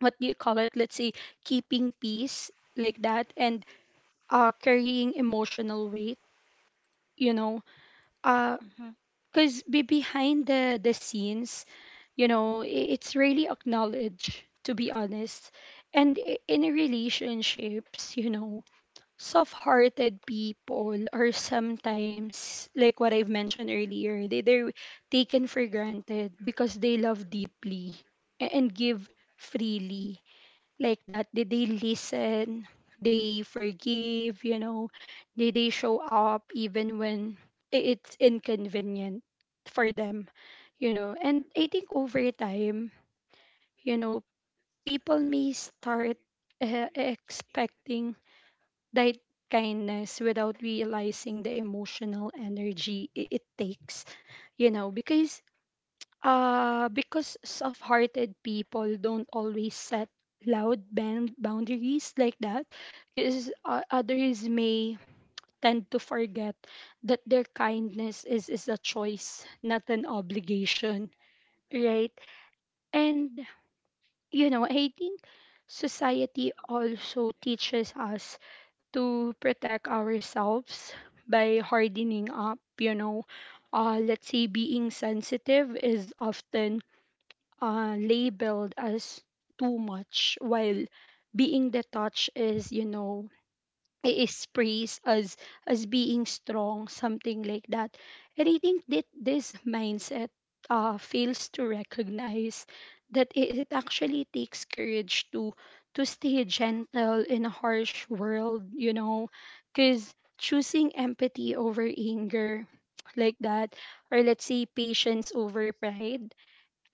Speaker 1: what do you call it, let's say, keeping peace, like that, and carrying emotional weight, you know, uh
Speaker 2: Mhm.
Speaker 1: because be behind the scenes, you know, it's really acknowledged, to be honest. And in relationships, you know, soft-hearted people are sometimes, like what I've mentioned earlier, they're taken for granted because they love deeply, and give freely, like that? Did they listen? They forgive, you know? Did they show up even when it's inconvenient for them, you know? And I think over time, you know, people may start expecting that kindness without realizing the emotional energy it takes, you know? Because soft-hearted people don't always set loud boundaries, like that, because others may tend to forget that their kindness is a choice, not an obligation, right? And you know, I think society also teaches us to protect ourselves by hardening up. You know, let's say being sensitive is often labeled as too much, while being detached is, you know, is praised as being strong, something like that. And I think that this mindset fails to recognize that it actually takes courage to stay gentle in a harsh world, you know, because choosing empathy over anger like that, or let's say patience over pride,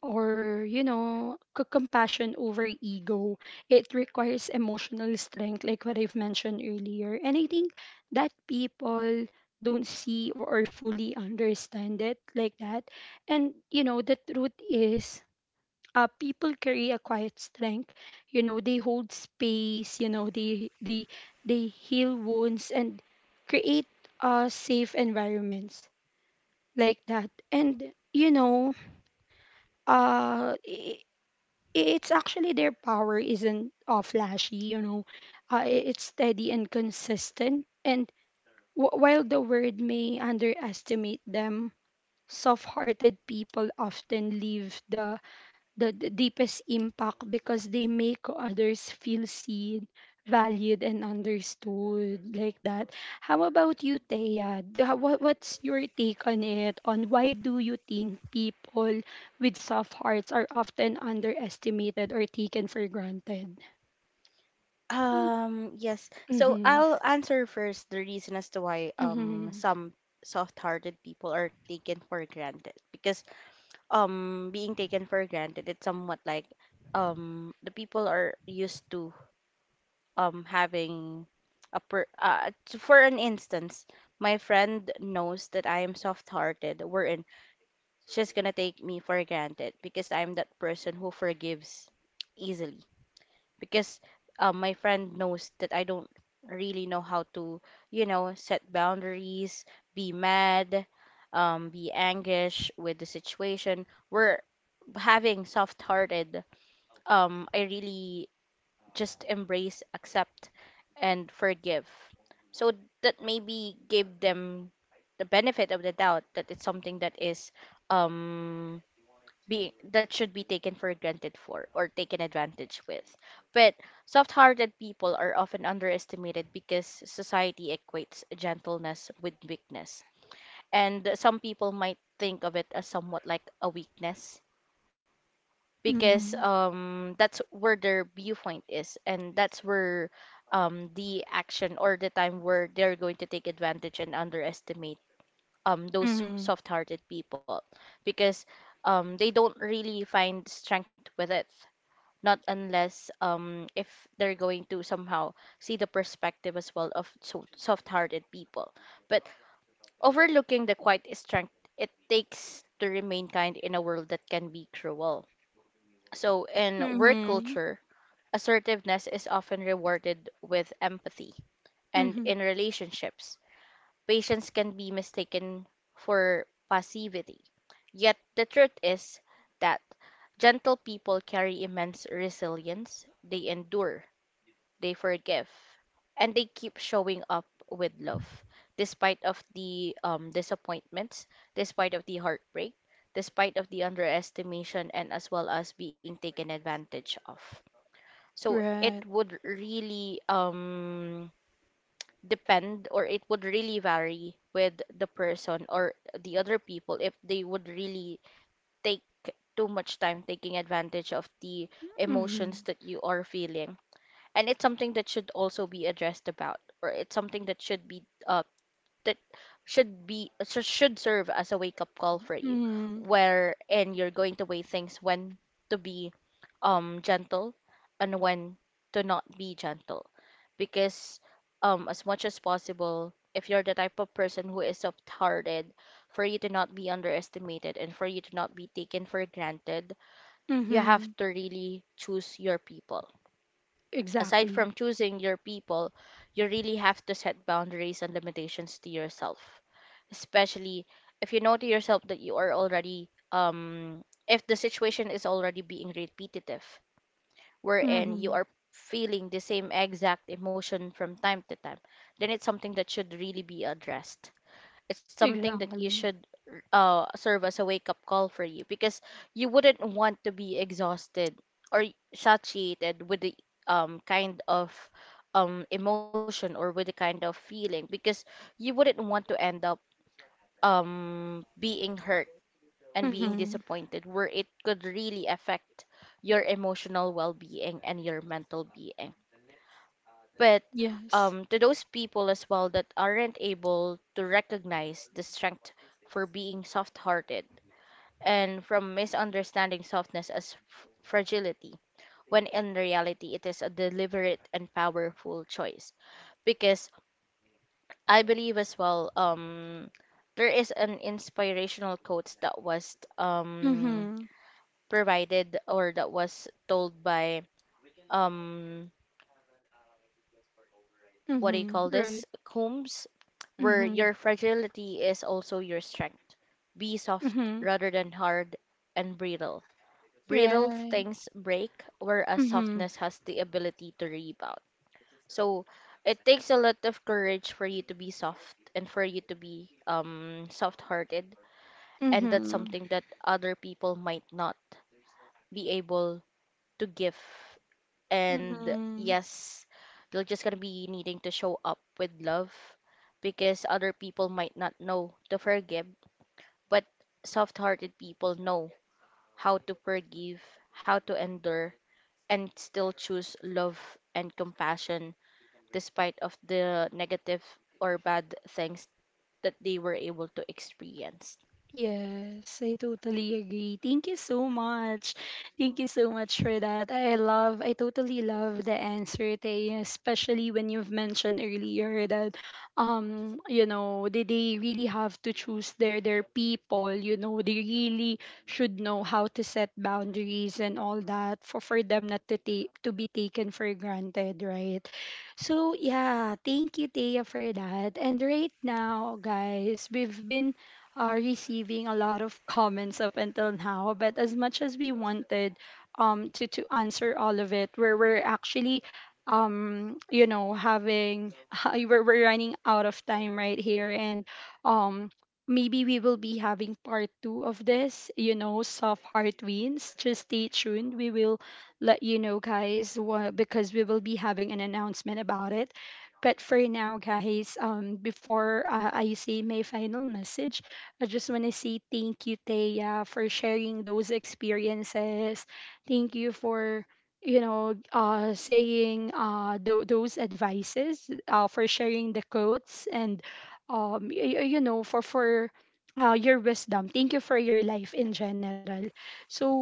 Speaker 1: or you know, compassion over ego, it requires emotional strength, like what I've mentioned earlier. And I think that people don't see or fully understand it, like that. And you know, the truth is, people carry a quiet strength, you know, they hold space, you know, they heal wounds and create safe environments, like that. And you know, uh it's actually their power isn't flashy, you know. It's steady and consistent. And while the world may underestimate them, soft hearted people often leave the the deepest impact because they make others feel seen, valued, and understood, like that. How about you, Thea? What's your take on it? On why do you think people with soft hearts are often underestimated or taken for granted?
Speaker 2: Yes. So
Speaker 1: Mm-hmm.
Speaker 2: I'll answer first the reason as to why
Speaker 1: Mm-hmm.
Speaker 2: some soft-hearted people are taken for granted. Because being taken for granted, it's somewhat like the people are used to having for an instance, my friend knows that I am soft-hearted, wherein she's gonna take me for granted because I'm that person who forgives easily, because my friend knows that I don't really know how to, you know, set boundaries, be mad, be anguish with the situation we're having. Soft-hearted, I really just embrace, accept, and forgive. So that maybe give them the benefit of the doubt that it's something that is um being that should be taken for granted for, or taken advantage with. But soft-hearted people are often underestimated because society equates gentleness with weakness. And some people might think of it as somewhat like a weakness, because
Speaker 1: Mm-hmm.
Speaker 2: that's where their viewpoint is, and that's where the action or the time where they're going to take advantage and underestimate those
Speaker 1: Mm-hmm.
Speaker 2: soft-hearted people, because they don't really find strength with it, not unless if they're going to somehow see the perspective as well of soft-hearted people, but overlooking the quiet strength it takes to remain kind in a world that can be cruel. So, in work
Speaker 1: Mm-hmm.
Speaker 2: culture, assertiveness is often rewarded with empathy. And
Speaker 1: Mm-hmm.
Speaker 2: in relationships, patience can be mistaken for passivity. Yet, the truth is that gentle people carry immense resilience. They endure, they forgive, and they keep showing up with love, despite of the disappointments, despite of the heartbreak, despite of the underestimation, and as well as being taken advantage of. So it
Speaker 1: Right.
Speaker 2: would really depend, or it would really vary with the person or the other people if they would really take too much time taking advantage of the emotions
Speaker 1: Mm-hmm.
Speaker 2: that you are feeling. And it's something that should also be addressed about, or it's something that should be so should serve as a wake up call for you
Speaker 1: Mm-hmm.
Speaker 2: where and you're going to weigh things when to be gentle and when to not be gentle, because as much as possible, if you're the type of person who is soft hearted, for you to not be underestimated and for you to not be taken for granted, you have
Speaker 1: Mm-hmm.
Speaker 2: to really choose your people. Aside
Speaker 1: Exactly.
Speaker 2: from choosing your people, you really have to set boundaries and limitations to yourself, especially if you know to yourself that you are already if the situation is already being repetitive wherein you
Speaker 1: Mm-hmm.
Speaker 2: are feeling the same exact emotion from time to time, then it's something that should really be addressed. It's something that you
Speaker 1: Exactly.
Speaker 2: should serve as a wake up call for you, because you wouldn't want to be exhausted or satiated with the kind of emotion, or with the kind of feeling, because you wouldn't want to end up being hurt and being
Speaker 1: Mm-hmm.
Speaker 2: disappointed, where it could really affect your emotional well-being and your mental being. But
Speaker 1: Yes.
Speaker 2: to those people as well that aren't able to recognize the strength for being soft-hearted, and from misunderstanding softness as fragility, when in reality it is a deliberate and powerful choice. Because I believe as well, there is an inspirational quote that was
Speaker 1: Mm-hmm.
Speaker 2: provided or that was told by um what do you call
Speaker 1: Mm-hmm.
Speaker 2: this,
Speaker 1: Right.
Speaker 2: Combs, where
Speaker 1: Mm-hmm.
Speaker 2: your fragility is also your strength. Be soft
Speaker 1: Mm-hmm.
Speaker 2: rather than hard and brittle. Brittle
Speaker 1: Right.
Speaker 2: things break, whereas
Speaker 1: Mm-hmm.
Speaker 2: softness has the ability to rebound. So it takes a lot of courage for you to be soft and for you to be soft-hearted, and that's
Speaker 1: Mm-hmm.
Speaker 2: something that other people might not be able to give. And
Speaker 1: Mm-hmm.
Speaker 2: yes, you're just going to be needing to show up with love, because other people might not know to forgive, but soft-hearted people know how to forgive, how to endure, and still choose love and compassion despite of the negative or bad things that they were able to experience.
Speaker 1: Yes, I totally agree. Thank you so much. Thank you so much for that. I love, I totally love the answer, Tay, especially when you've mentioned earlier that, you know, they really have to choose their people, you know, they really should know how to set boundaries and all that for them not to take, to be taken for granted, right? So yeah, thank you, Taya, for that. And right now, guys, we've been are receiving a lot of comments up until now. But as much as we wanted, to answer all of it, we're actually you know having we're running out of time right here. And um maybe we will be having part two of this, you know, soft heart wins. Just stay tuned, we will let you know, guys, what, because we will be having an announcement about it. But for now, guys, before I say my final message, I just want to say thank you, Taya, for sharing those experiences. Thank you for, you know, saying those advices, for sharing the quotes, and you know, for your wisdom. Thank you for your life in general. So,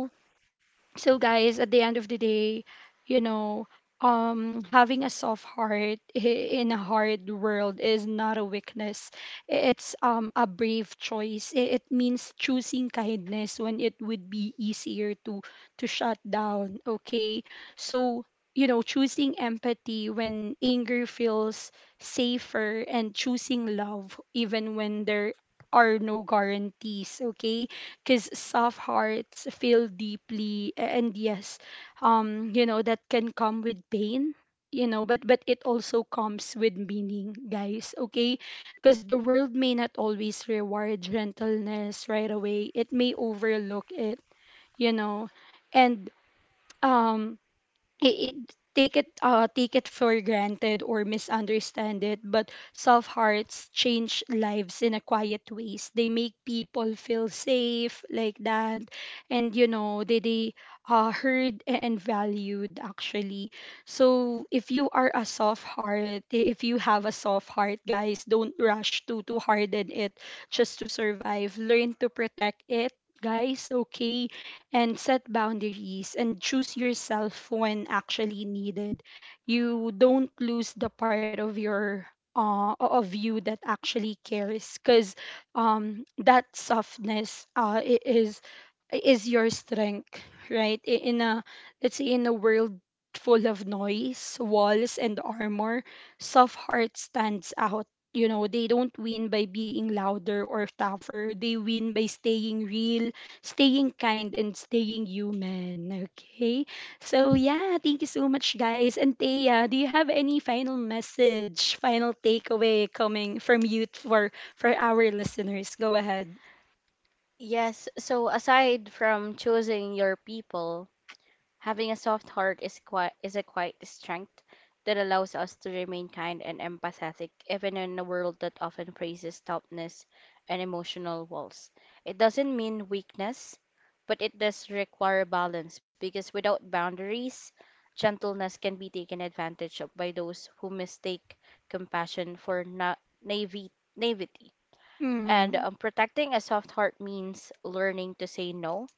Speaker 1: so guys, at the end of the day, you know, having a soft heart in a hard world is not a weakness. It's a brave choice. It means choosing kindness when it would be easier to shut down, okay? So, you know, choosing empathy when anger feels safer, and choosing love even when there are no guarantees, okay? Because soft hearts feel deeply, and yes, you know that can come with pain, you know, but it also comes with meaning, guys, okay? Because the world may not always reward gentleness right away, it may overlook it, you know, and um i- it, take it, take it for granted or misunderstand it. But soft hearts change lives in a quiet ways, they make people feel safe, like that, and you know, they heard, and valued actually. So if you are a soft heart, if you have a soft heart, guys, don't rush to harden it just to survive. Learn to protect it, guys, okay? And set boundaries and choose yourself when actually needed. You don't lose the part of your, of you, that actually cares, because that softness, is your strength, right? In a, let's say, in a world full of noise, walls and armor, soft heart stands out. You know, they don't win by being louder or tougher. They win by staying real, staying kind, and staying human. Okay. So yeah, thank you so much, guys. And Thea, do you have any final message, final takeaway coming from you for our listeners? Go ahead.
Speaker 2: Yes, so aside from choosing your people, having a soft heart is a quiet strength that allows us to remain kind and empathetic even in a world that often praises toughness and emotional walls. It doesn't mean weakness, but it does require balance, because without boundaries, gentleness can be taken advantage of by those who mistake compassion for naive- naivety. And
Speaker 1: Mm-hmm.
Speaker 2: protecting a soft heart means learning to say no,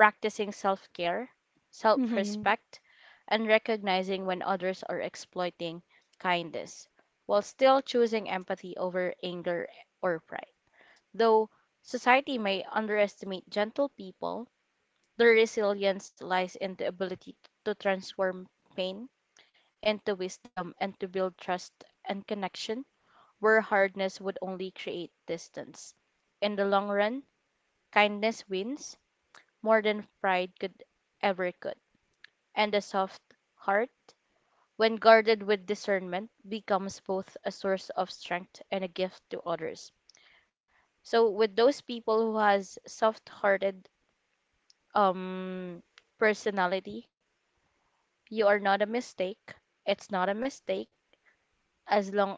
Speaker 2: practicing self care, self
Speaker 1: Mm-hmm.
Speaker 2: respect, and recognizing when others are exploiting kindness, while still choosing empathy over anger or pride. Though society may underestimate gentle people, their resilience lies in the ability to transform pain into wisdom and to build trust and connection where hardness would only create distance. In the long run, kindness wins more than pride could ever could. And a soft heart, when guarded with discernment, becomes both a source of strength and a gift to others. So with those people who has soft-hearted um personality, you are not a mistake. It's not a mistake. As long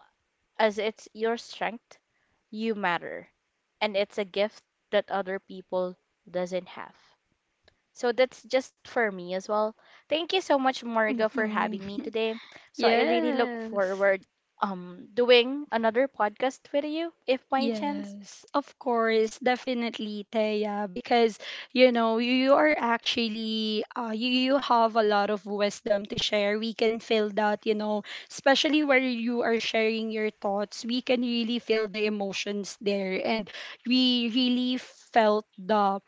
Speaker 2: as it's your strength, you matter, and it's a gift that other people doesn't have. So that's just for me as well. Thank you so much, Morga, for having
Speaker 1: Mm-hmm.
Speaker 2: me today. So I really look
Speaker 1: Yes.
Speaker 2: forward doing another podcast with you if by chance.
Speaker 1: Yes, of course, definitely, Thea, because you know you are actually, you, you have a lot of wisdom to share. We can feel that, you know, especially where you are sharing your thoughts, we can really feel the emotions there, and we really felt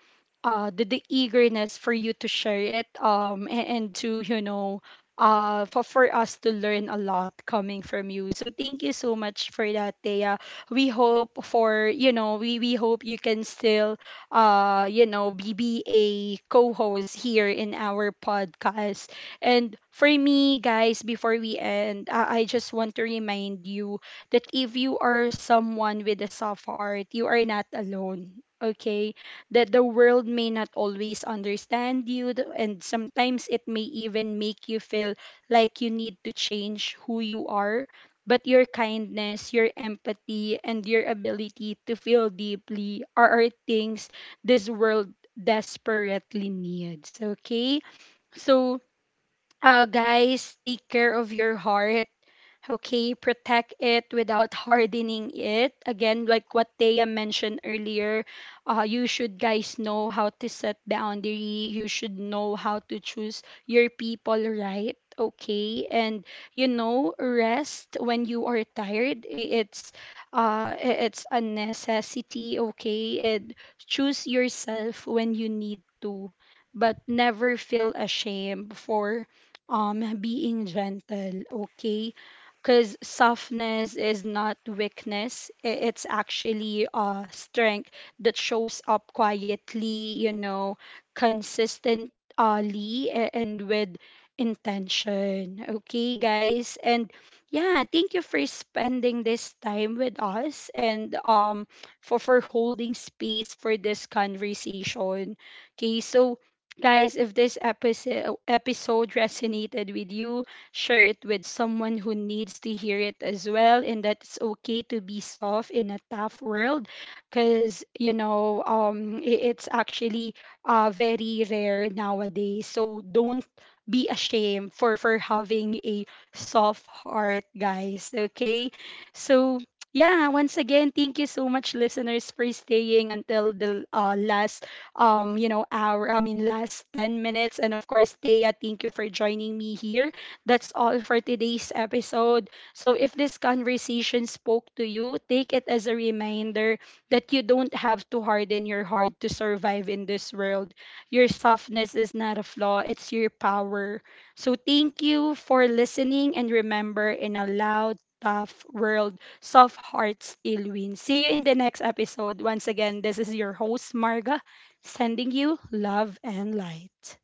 Speaker 1: the eagerness for you to share it, and to, you know, for us to learn a lot coming from you. So thank you so much for that, Thea. We hope for, you know, we hope you can still you know be a co-host here in our podcast. And for me, guys, before we end, I just want to remind you that if you are someone with a soft heart, you are not alone. Okay, that the world may not always understand you, and sometimes it may even make you feel like you need to change who you are, but your kindness, your empathy, and your ability to feel deeply are things this world desperately needs. Okay? So, guys, take care of your heart. Okay, protect it without hardening it. Again, like what Thea mentioned earlier, you should, guys, know how to set boundary. You should know how to choose your people right. Okay, and you know rest when you are tired. It's it's a necessity. Okay, and choose yourself when you need to, but never feel ashamed for being gentle, okay? Because softness is not weakness, it's actually strength that shows up quietly, you know, consistently, and with intention, okay guys? And yeah, thank you for spending this time with us, and for holding space for this conversation, okay? So, guys, if this episode resonated with you, share it with someone who needs to hear it as well, and that it's okay to be soft in a tough world, cuz you know, it's actually very rare nowadays. So don't be ashamed for having a soft heart, guys. Okay? So yeah, once again, thank you so much, listeners, for staying until the last you know, hour, I mean, last 10 minutes. And of course, Thea, thank you for joining me here. That's all for today's episode. So if this conversation spoke to you, take it as a reminder that you don't have to harden your heart to survive in this world. Your softness is not a flaw, it's your power. So thank you for listening, and remember, in a loud, tough world, soft heart still wins. See you in the next episode. Once again, this is your host, Marga, sending you love and light.